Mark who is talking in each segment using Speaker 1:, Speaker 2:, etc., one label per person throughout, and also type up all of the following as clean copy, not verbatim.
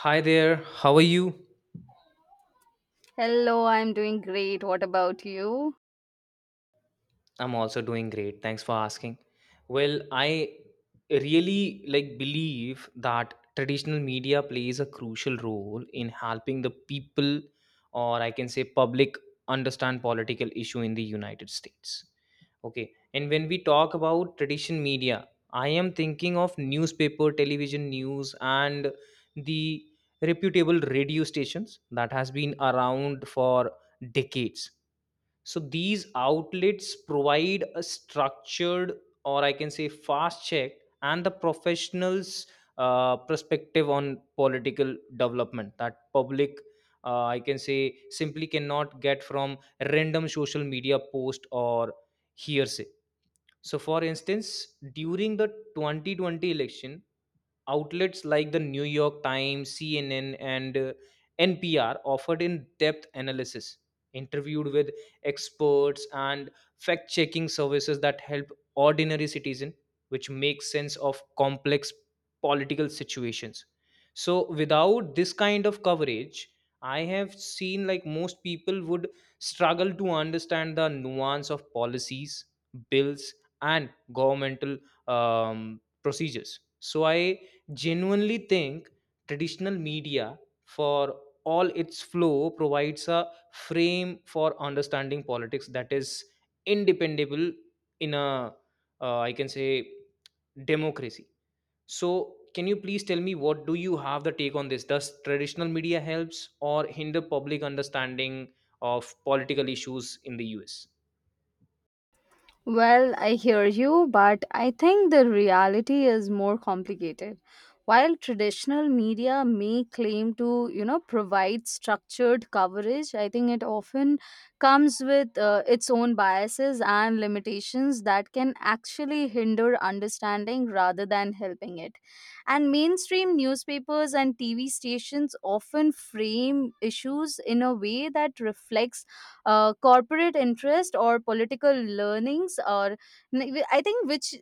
Speaker 1: Hi there, how are you?
Speaker 2: Hello, I'm doing great. What about you?
Speaker 1: I'm also doing great. Thanks for asking. Well, I really like believe that traditional media plays a crucial role in helping the people or I can say public understand political issue in the United States. Okay. And when we talk about traditional media, I am thinking of newspaper, television news and the reputable radio stations that has been around for decades. So these outlets provide a structured, or I can say fast check, and the professionals' perspective on political development that public, I can say, simply cannot get from random social media post or hearsay. So, for instance, during the 2020 election, outlets like the New York Times, CNN, and NPR offered in depth analysis, interviewed with experts, and fact checking services that help ordinary citizen which make sense of complex political situations. So without this kind of coverage I have seen like most people would struggle to understand the nuance of policies, bills, and governmental procedures. So I genuinely think traditional media for all its flow provides a frame for understanding politics that is independable in a I can say democracy. So can you please tell me what do you have the take on this? Does traditional media helps or hinder public understanding of political issues in the US?
Speaker 2: Well, I hear you, but I think the reality is more complicated. While traditional media may claim to, you know, provide structured coverage, I think it often comes with its own biases and limitations that can actually hinder understanding rather than helping it. And mainstream newspapers and TV stations often frame issues in a way that reflects corporate interest or political learnings, or I think which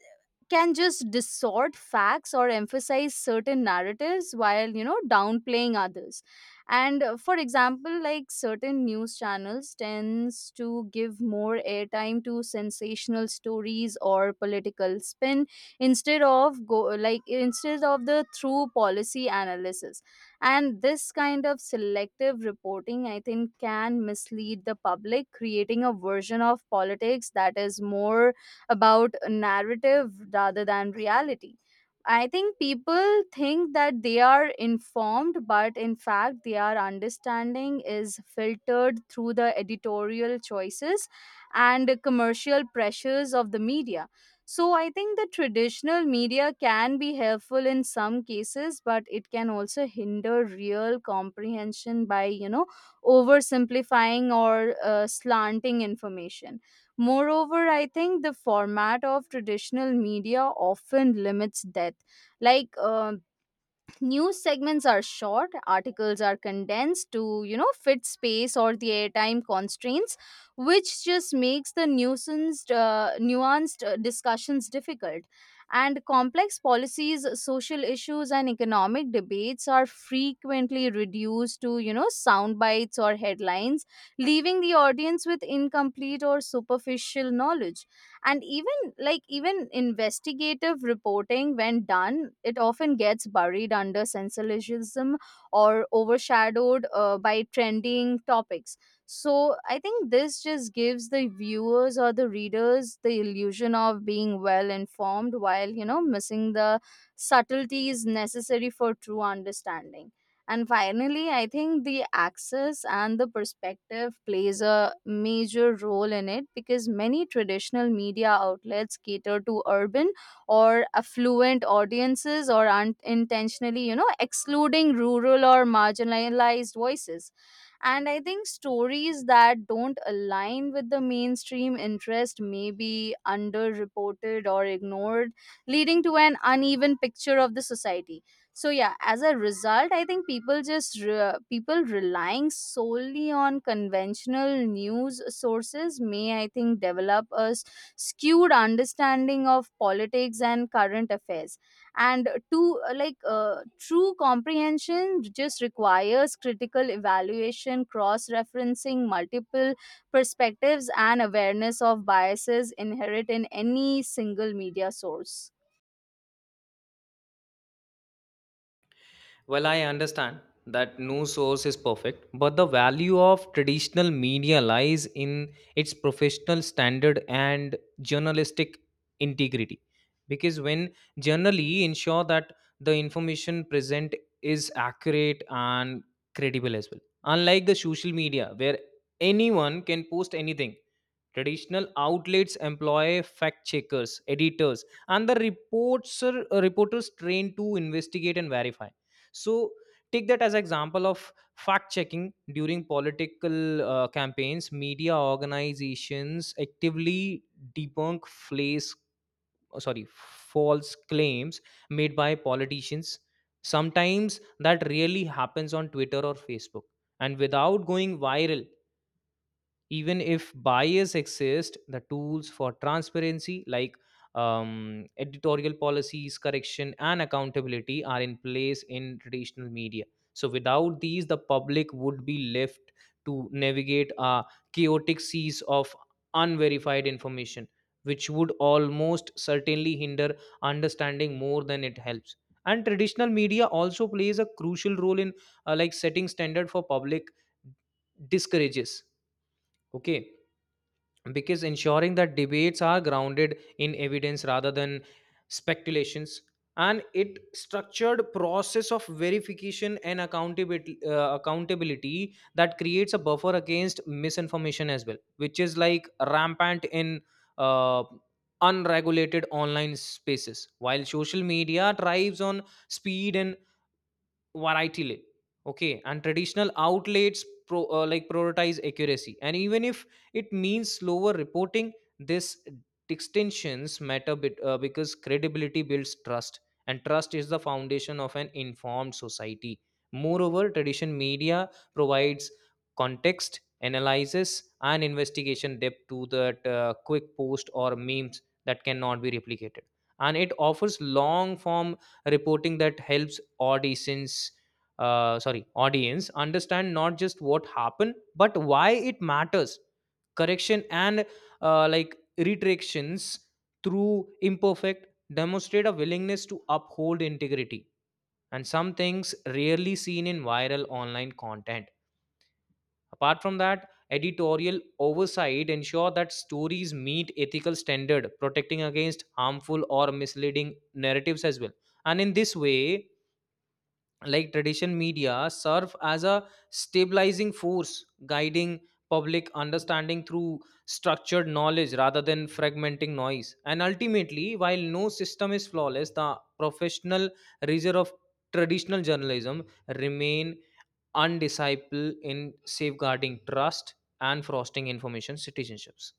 Speaker 2: can just distort facts or emphasize certain narratives while, you know, downplaying others. And for example, like, certain news channels tends to give more airtime to sensational stories or political spin instead of go like instead of the true policy analysis. And this kind of selective reporting, I think, can mislead the public, creating a version of politics that is more about a narrative rather than reality. I think people think that they are informed, but in fact, their understanding is filtered through the editorial choices and commercial pressures of the media. So I think the traditional media can be helpful in some cases, but it can also hinder real comprehension by, you know, oversimplifying or slanting information. Moreover, I think the format of traditional media often limits depth. Like, uh, News segments are short, articles are condensed to, you know, fit space or the airtime constraints, which just makes the nuanced discussions difficult. And complex policies, social issues, and economic debates are frequently reduced to, you know, sound bites or headlines, leaving the audience with incomplete or superficial knowledge. And even investigative reporting, when done, it often gets buried under sensationalism or overshadowed by trending topics. So I think this just gives the viewers or the readers the illusion of being well informed while, you know, missing the subtleties necessary for true understanding. And finally, I think the access and the perspective plays a major role in it, because many traditional media outlets cater to urban or affluent audiences, or unintentionally, you know, excluding rural or marginalized voices. And I think stories that don't align with the mainstream interest may be underreported or ignored, leading to an uneven picture of the society. So yeah, as a result, I think people relying solely on conventional news sources may, I think, develop a skewed understanding of politics and current affairs. And to true comprehension just requires critical evaluation, cross referencing multiple perspectives, and awareness of biases inherent in any single media source.
Speaker 1: Well, I understand that no source is perfect, but the value of traditional media lies in its professional standard and journalistic integrity. Because when generally ensure that the information present is accurate and credible as well. Unlike the social media, where anyone can post anything. Traditional outlets employ fact checkers, editors, and the reporters trained to investigate and verify. So take that as example of fact checking during political campaigns. Media organizations actively debunk flays, oh, sorry, false claims made by politicians. Sometimes that really happens on Twitter or Facebook, and without going viral, even if bias exists, the tools for transparency like editorial policies, correction, and accountability are in place in traditional media. So without these the public would be left to navigate a chaotic seas of unverified information, which would almost certainly hinder understanding more than it helps. And traditional media also plays a crucial role in like setting standard for public discourages, okay, because ensuring that debates are grounded in evidence rather than speculations. And it structured process of verification and accountability that creates a buffer against misinformation as well, which is like rampant in uh, unregulated online spaces, while social media thrives on speed and variety. Okay, and traditional outlets like prioritize accuracy, and even if it means slower reporting, this distinctions matter bit, because credibility builds trust, and trust is the foundation of an informed society. Moreover, tradition media provides context, analysis, and investigation depth to that quick post or memes that cannot be replicated. And it offers long form reporting that helps auditions, sorry, audience understand not just what happened but why it matters. Correction and like retractions through imperfect demonstrate a willingness to uphold integrity, and some things rarely seen in viral online content. Apart from that, editorial oversight ensure that stories meet ethical standard, protecting against harmful or misleading narratives as well. And in this way, like, tradition media serve as a stabilizing force, guiding public understanding through structured knowledge rather than fragmenting noise. And ultimately, while no system is flawless, the professional rigor of traditional journalism remain undiscipled in safeguarding trust and fostering information citizenships.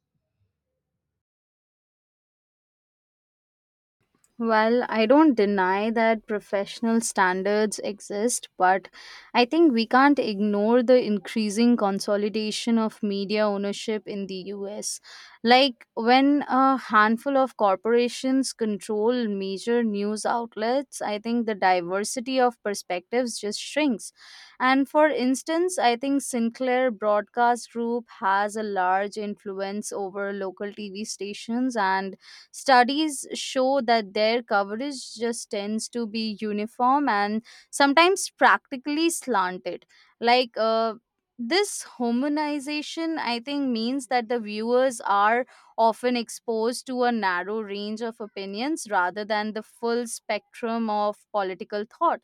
Speaker 2: Well, I don't deny that professional standards exist, but I think we can't ignore the increasing consolidation of media ownership in the US. Like, when a handful of corporations control major news outlets, I think the diversity of perspectives just shrinks. And for instance, I think Sinclair Broadcast Group has a large influence over local TV stations, and studies show that their coverage just tends to be uniform and sometimes practically slanted. Like, uh, this homogenization, I think, means that the viewers are often exposed to a narrow range of opinions rather than the full spectrum of political thought.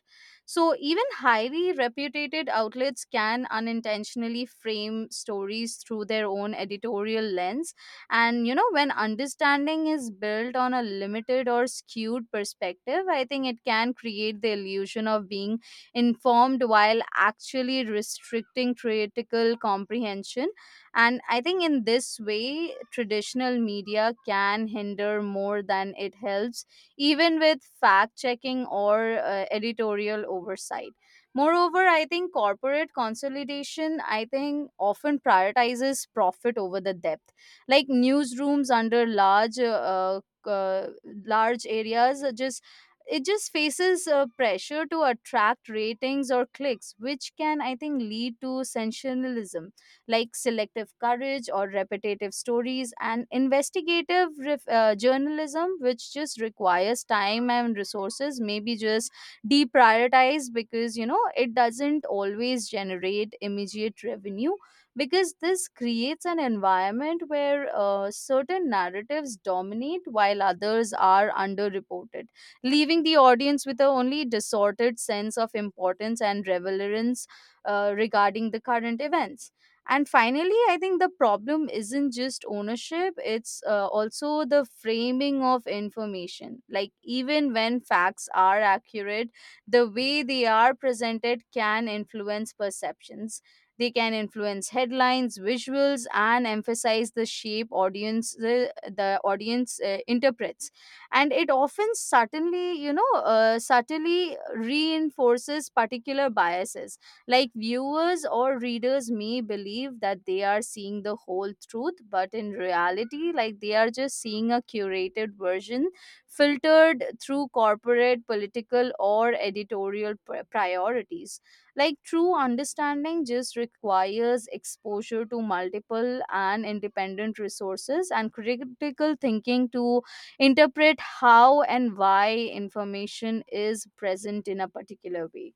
Speaker 2: So, even highly reputed outlets can unintentionally frame stories through their own editorial lens, and you know, when understanding is built on a limited or skewed perspective, I think it can create the illusion of being informed while actually restricting critical comprehension. And I think in this way, traditional media can hinder more than it helps, even with fact checking or editorial oversight. Moreover, I think corporate consolidation, I think, often prioritizes profit over the depth. Like, newsrooms under large areas just it just faces pressure to attract ratings or clicks, which can, I think, lead to sensationalism, like selective coverage or repetitive stories. And journalism, which just requires time and resources, maybe just deprioritized because, you know, it doesn't always generate immediate revenue. Because this creates an environment where certain narratives dominate while others are underreported, leaving the audience with a only distorted sense of importance and relevance regarding the current events. And finally, I think the problem isn't just ownership, it's also the framing of information. Like, even when facts are accurate, the way they are presented can influence perceptions. They can influence headlines, visuals, and emphasize the the audience interprets. And it often certainly, you know, subtly reinforces particular biases. Like, viewers or readers may believe that they are seeing the whole truth, but in reality, like, they are just seeing a curated version filtered through corporate, political, or priorities. Like, true understanding just requires exposure to multiple and independent resources and critical thinking to interpret how and why information is present in a particular way.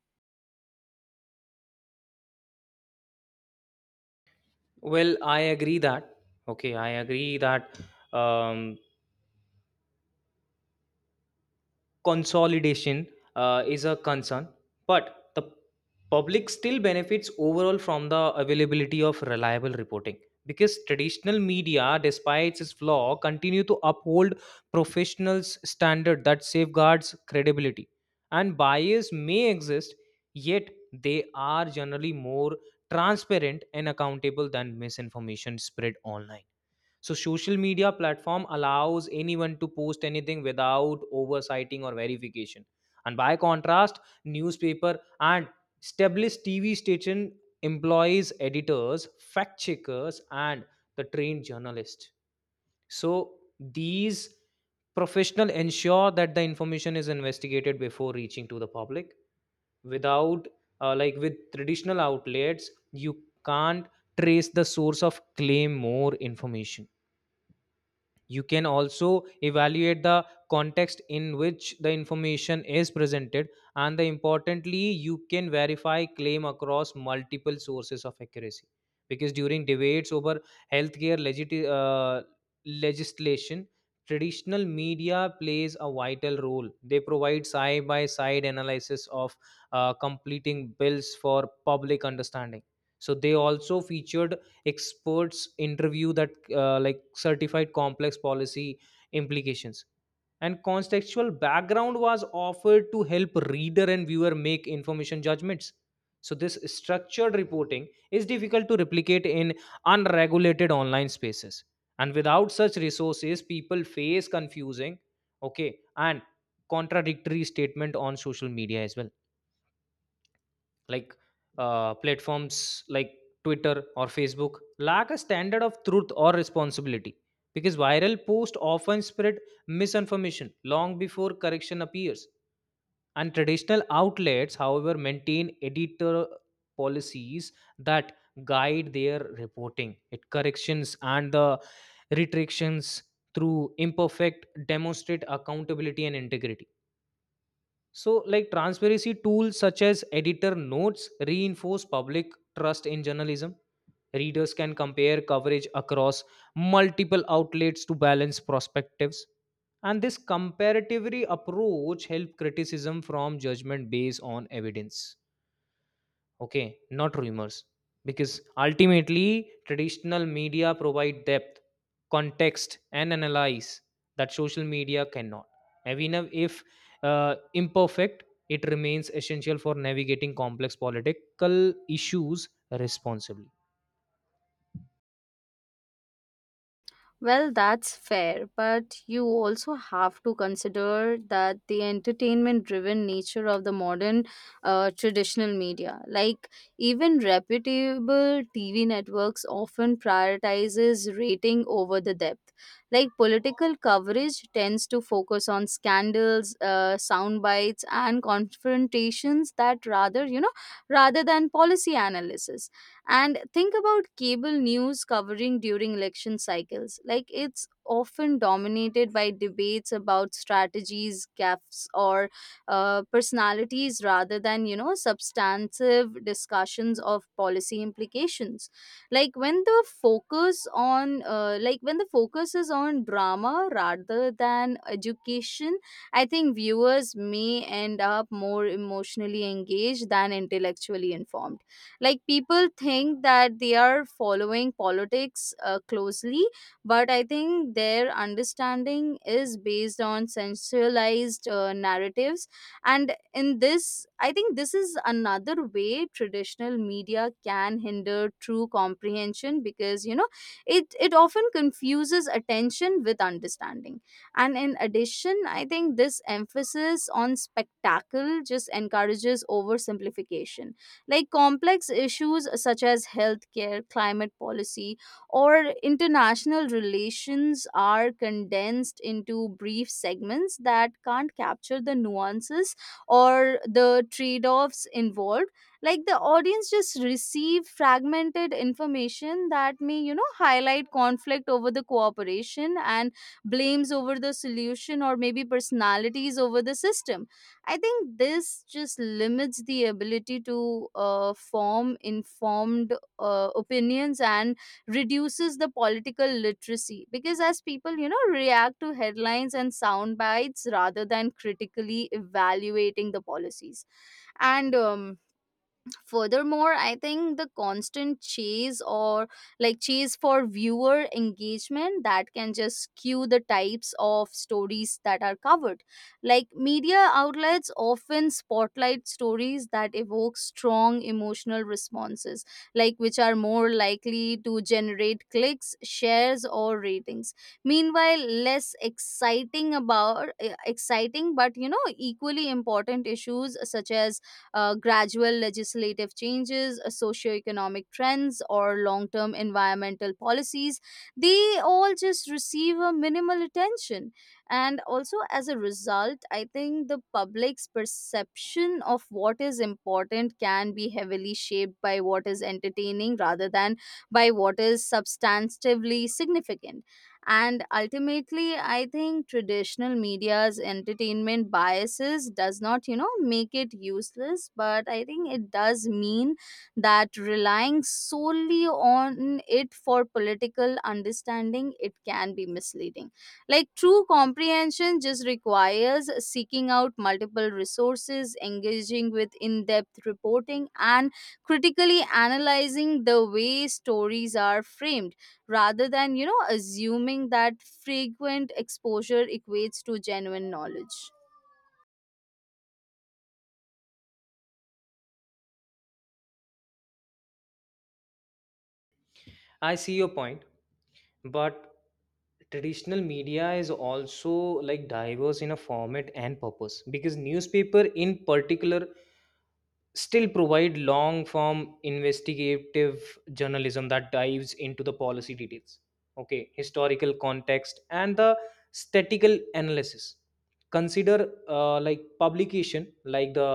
Speaker 1: Well, I agree that um, consolidation is a concern, but the public still benefits overall from the availability of reliable reporting, because traditional media, despite its flaw, continue to uphold professionals standard that safeguards credibility. And bias may exist, yet they are generally more transparent and accountable than misinformation spread online. So social media platform allows anyone to post anything without oversighting or verification. And by contrast, newspaper and established TV station employs editors, fact checkers, and the trained journalist. So these professional ensure that the information is investigated before reaching to the public. Without like, with traditional outlets you can't trace the source of claim, more information. You can also evaluate the context in which the information is presented, and the importantly you can verify claim across multiple sources of accuracy. Because during debates over healthcare legislation, traditional media plays a vital role. They provide side by side analysis of completing bills for public understanding. So they also featured experts interview that like certified complex policy implications, and contextual background was offered to help reader and viewer make information judgments. So this structured reporting is difficult to replicate in unregulated online spaces, and without such resources people face confusing, okay, and contradictory statement on social media as well. Like, platforms like Twitter or Facebook lack a standard of truth or responsibility. Because viral posts often spread misinformation long before correction appears, and traditional outlets however maintain editor policies that guide their reporting. It corrections and the retractions through imperfect demonstrate accountability and integrity. So, like, transparency tools such as editor notes reinforce public trust in journalism. Readers can compare coverage across multiple outlets to balance perspectives. And this comparatively approach help criticism from judgment based on evidence, okay, not rumors. Because ultimately traditional media provide depth, context, and analyze that social media cannot. Even if imperfect, it remains essential for navigating complex political issues responsibly.
Speaker 2: Well, that's fair, but you also have to consider that the entertainment driven nature of the modern traditional media. Like, even reputable TV networks often prioritizes rating over the depth. Like, political coverage tends to focus on scandals, sound bites, and confrontations that rather, you know, rather than policy analysis. And think about cable news covering during election cycles. Like, it's often dominated by debates about strategies, gaffes, or personalities rather than, you know, substantive discussions of policy implications. Like, when the focus is on drama rather than education, I think viewers may end up more emotionally engaged than intellectually informed. Like, people think that they are following politics closely, but I think their understanding is based on sensualized narratives. And in this, I think this is another way traditional media can hinder true comprehension because, you know, it often confuses attention with understanding. And in addition, I think this emphasis on spectacle just encourages oversimplification, like complex issues such as healthcare, climate policy, or international relations are condensed into brief segments that can't capture the nuances or the trade offs involved. Like, the audience just receive fragmented information that may, you know, highlight conflict over the cooperation and blames over the solution, or maybe personalities over the system. I think this just limits the ability to form informed opinions and reduces the political literacy because, as people, you know, react to headlines and sound bites rather than critically evaluating the policies. And Furthermore, I think the constant chase or like chase for viewer engagement that can just skew the types of stories that are covered. Like, media outlets often spotlight stories that evoke strong emotional responses, like which are more likely to generate clicks, shares, or ratings. Meanwhile, less exciting about eh, exciting but, you know, equally important issues such as gradual legislative changes, socioeconomic trends, or long term environmental policies, they all just receive a minimal attention. And also, as a result, I think the public's perception of what is important can be heavily shaped by what is entertaining rather than by what is substantively significant. And ultimately, I think traditional media's entertainment biases does not, you know, make it useless, but I think it does mean that relying solely on it for political understanding, it can be misleading. Like, true comprehension just requires seeking out multiple resources, engaging with in-depth reporting, and critically analyzing the way stories are framed rather than, you know, assuming that frequent exposure equates to genuine knowledge.
Speaker 1: I see your point, but traditional media is also like diverse in a format and purpose, because newspaper in particular still provide long form investigative journalism that dives into the policy details, okay, historical context and the statistical analysis. Consider like publication like the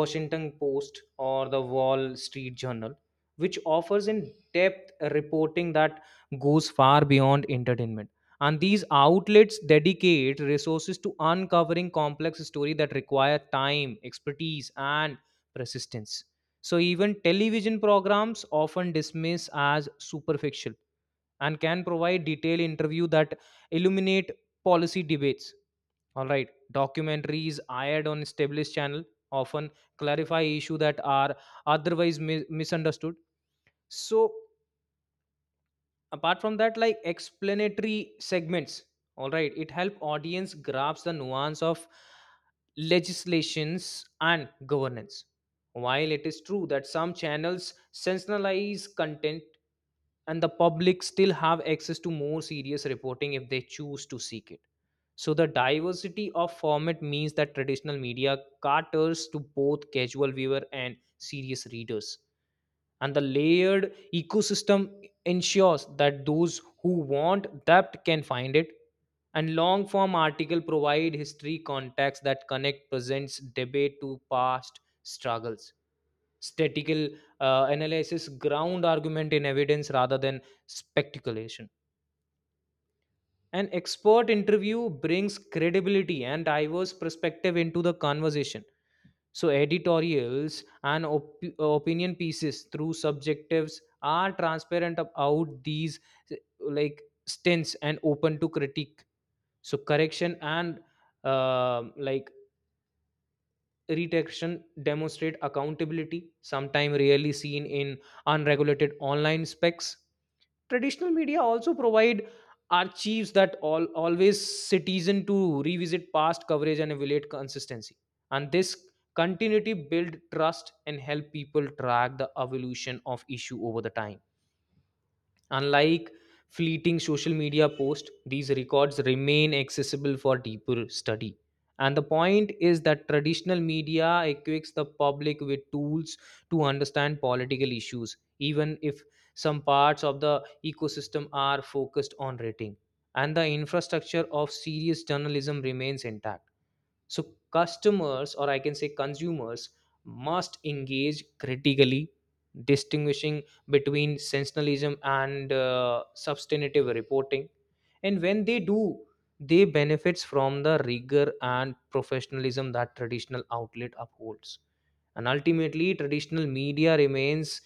Speaker 1: Washington Post or the Wall Street Journal, which offers in depth reporting that goes far beyond entertainment. And these outlets dedicate resources to uncovering complex stories that require time, expertise, and persistence. So, even television programs often dismiss as superficial and can provide detailed interview that illuminate policy debates. All right, documentaries aired on established channel often clarify issue that are otherwise misunderstood. So, apart from that, like, explanatory segments, all right, it help audience grasp the nuance of legislations and governance. While it is true that some channels sensationalize content, and the public still have access to more serious reporting if they choose to seek it. So the diversity of format means that traditional media caters to both casual viewer and serious readers, and the layered ecosystem ensures that those who want depth can find it. And long form article provide history context that connect present debate to past struggles. Statical analysis ground argument in evidence rather than speculation. An expert interview brings credibility and diverse perspective into the conversation. So, editorials and opinion pieces through subjectives are transparent about these, like, stints and open to critique. So, correction and like retraction demonstrate accountability, sometime rarely seen in unregulated online specs. Traditional media also provide archives that all always citizen to revisit past coverage and evaluate consistency. And this continuity build trust and help people track the evolution of issue over the time. Unlike fleeting social media posts, these records remain accessible for deeper study. And the point is that traditional media equips the public with tools to understand political issues, even if some parts of the ecosystem are focused on rating. And the infrastructure of serious journalism remains intact. So customers, or I can say consumers, must engage critically, distinguishing between sensationalism and substantive reporting. And when they do, they benefits from the rigor and professionalism that traditional outlet upholds. And ultimately, traditional media remains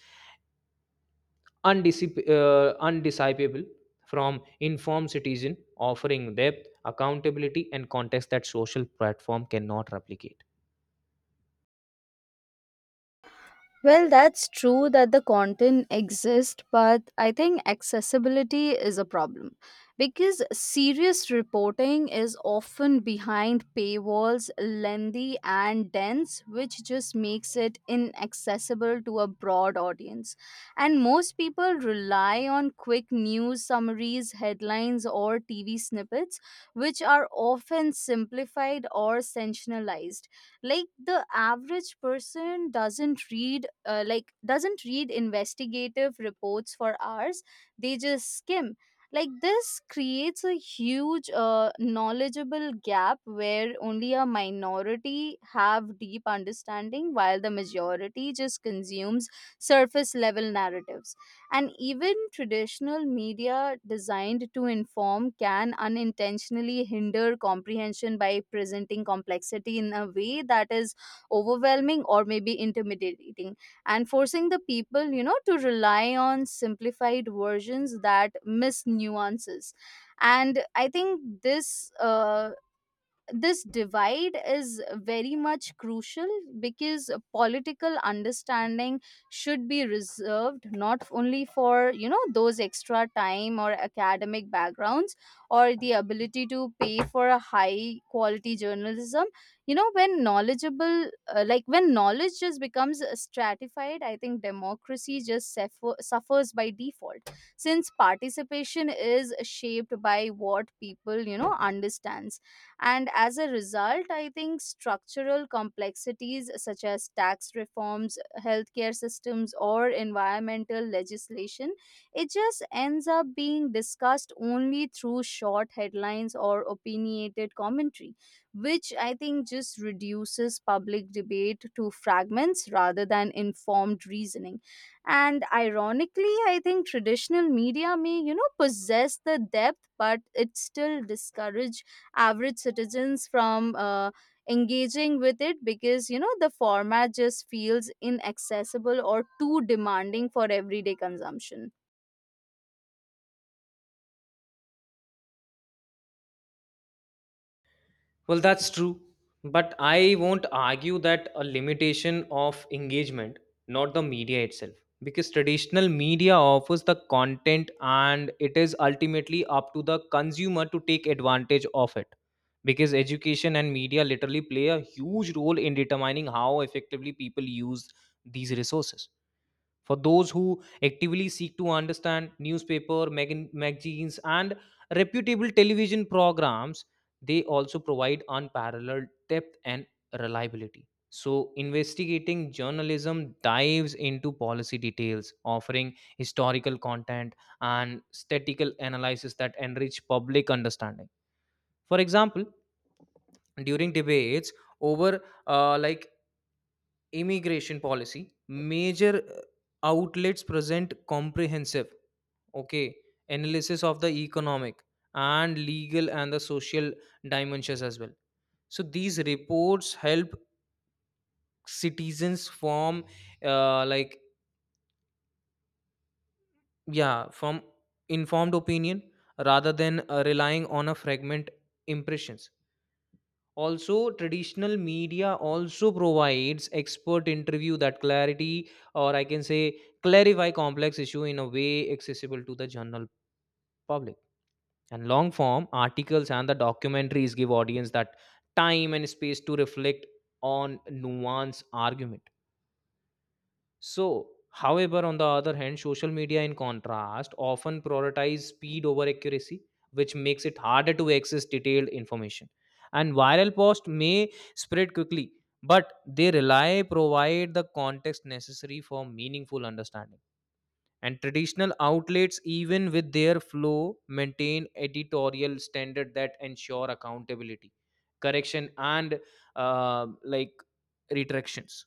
Speaker 1: undisciple from informed citizen, offering depth, accountability, and context that social platform cannot replicate.
Speaker 2: Well, that's true that the content exists, but I think accessibility is a problem because serious reporting is often behind paywalls, lengthy and dense, which just makes it inaccessible to a broad audience. And most people rely on quick news summaries, headlines, or TV snippets, which are often simplified or sensationalized. Like, the average person doesn't read investigative reports for hours, they just skim. Like, this creates a huge knowledgeable gap where only a minority have deep understanding while the majority just consumes surface level narratives. And even traditional media designed to inform can unintentionally hinder comprehension by presenting complexity in a way that is overwhelming or maybe intimidating, and forcing the people, you know, to rely on simplified versions that miss nuances. And I think this divide is very much crucial, because political understanding should be reserved not only for, you know, those extra time or academic backgrounds or the ability to pay for a high quality journalism. You know, when knowledgeable like when knowledge just becomes stratified, I think democracy just suffers by default, since participation is shaped by what people, you know, understand. And as a result, I think structural complexities such as tax reforms, healthcare systems, or environmental legislation, it just ends up being discussed only through short headlines or opinionated commentary, which I think just reduces public debate to fragments rather than informed reasoning. And ironically, I think traditional media may, you know, possess the depth, but it still discourage average citizens from engaging with it because, you know, the format just feels inaccessible or too demanding for everyday consumption.
Speaker 1: Well, that's true. But I won't argue that a limitation of engagement, not the media itself. Because traditional media offers the content and it is ultimately up to the consumer to take advantage of it. Because education and media literally play a huge role in determining how effectively people use these resources. For those who actively seek to understand newspaper, magazines, and reputable television programs, they also provide unparalleled depth and reliability. So, investigating journalism dives into policy details, offering historical content and statistical analysis that enrich public understanding. For example, during debates over like immigration policy, major outlets present comprehensive, okay, analysis of the economic and legal and the social dimensions as well. So these reports help citizens form, like, yeah, from informed opinion rather than relying on a fragment impressions. Also, traditional media also provides expert interview that clarity, or I can say clarify complex issue in a way accessible to the general public. And long form articles and the documentaries give audience that time and space to reflect on nuanced argument. So, however, on the other hand, social media, in contrast, often prioritize speed over accuracy, which makes it harder to access detailed information. And viral posts may spread quickly, but they rely provide the context necessary for meaningful understanding. And traditional outlets, even with their flow, maintain editorial standard that ensure accountability, correction, and like retractions,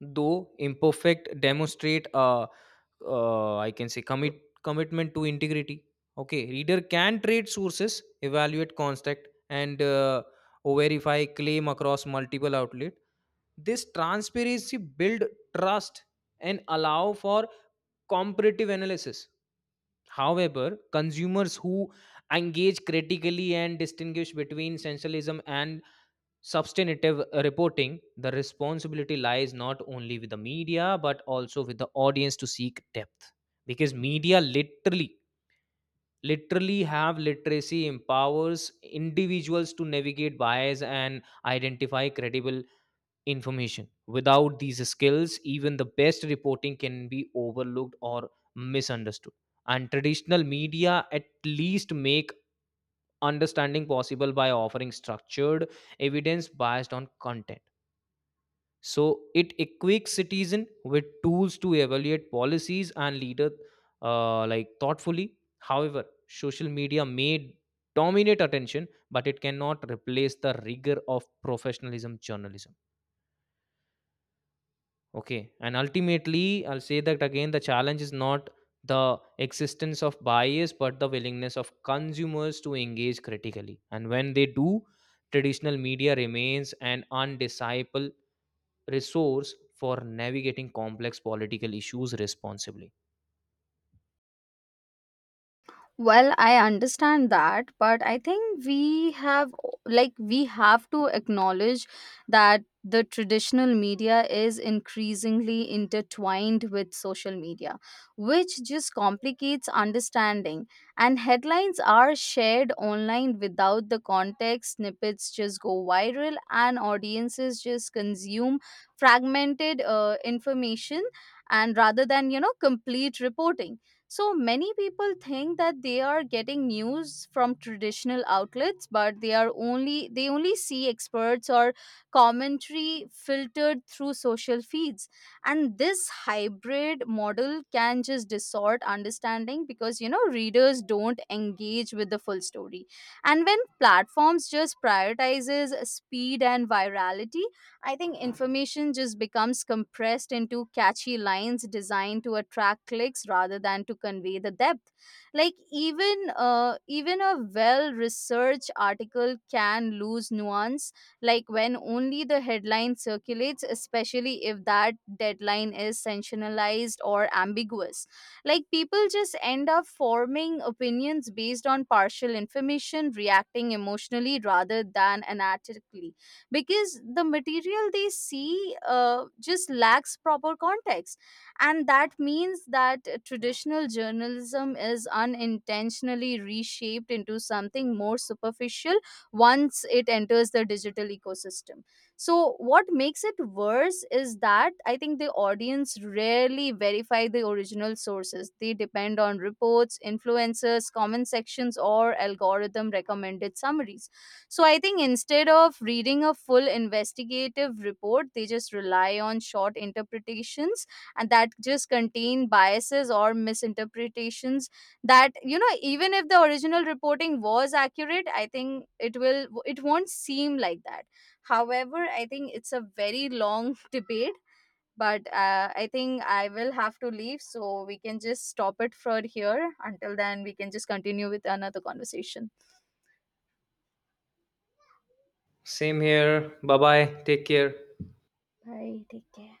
Speaker 1: though imperfect, demonstrate a I can say commitment to integrity. Okay, reader can trade sources, evaluate contact, and verify claim across multiple outlet. This transparency build trust and allow for comparative analysis. However, consumers who engage critically and distinguish between sensationalism and substantive reporting, the responsibility lies not only with the media but also with the audience to seek depth. Because media literally, have literacy empowers individuals to navigate bias and identify credible information. Without these skills, even the best reporting can be overlooked or misunderstood. And traditional media at least make understanding possible by offering structured evidence based on content. So it equips citizen with tools to evaluate policies and leader like thoughtfully. However, social media may dominate attention, but it cannot replace the rigor of professionalism journalism. Okay, and ultimately, I'll say that again. The challenge is not the existence of bias, but the willingness of consumers to engage critically. And when they do, traditional media remains an undisciple resource for navigating complex political issues responsibly.
Speaker 2: Well, I understand that, but I think we have to acknowledge that the traditional media is increasingly intertwined with social media, which just complicates understanding. And headlines are shared online without the context, snippets just go viral, and audiences just consume fragmented information, and rather than, you know, complete reporting. So many people think that they are getting news from traditional outlets, but they only see experts or commentary filtered through social feeds. And this hybrid model can just distort understanding because, you know, readers don't engage with the full story. And when platforms just prioritizes speed and virality, I think information just becomes compressed into catchy lines designed to attract clicks rather than to convey the depth. Like, even a well-researched article can lose nuance, like when only the headline circulates, especially if that deadline is sensationalized or ambiguous. Like, people just end up forming opinions based on partial information, reacting emotionally rather than analytically because the material they see just lacks proper context. And that means that traditional journalism is unintentionally reshaped into something more superficial once it enters the digital ecosystem. So what makes it worse is that, I think, the audience rarely verify the original sources. They depend on reports, influencers, comment sections, or algorithm recommended summaries. So I think instead of reading a full investigative report, they just rely on short interpretations, and that just contain biases or misinterpretations, that, you know, even if the original reporting was accurate, I think it won't seem like that. However, I think it's a very long debate, but I think I will have to leave, so we can just stop it for here. Until then, we can just continue with another conversation.
Speaker 1: Same here. Bye bye. Take care.
Speaker 2: Bye. Take care.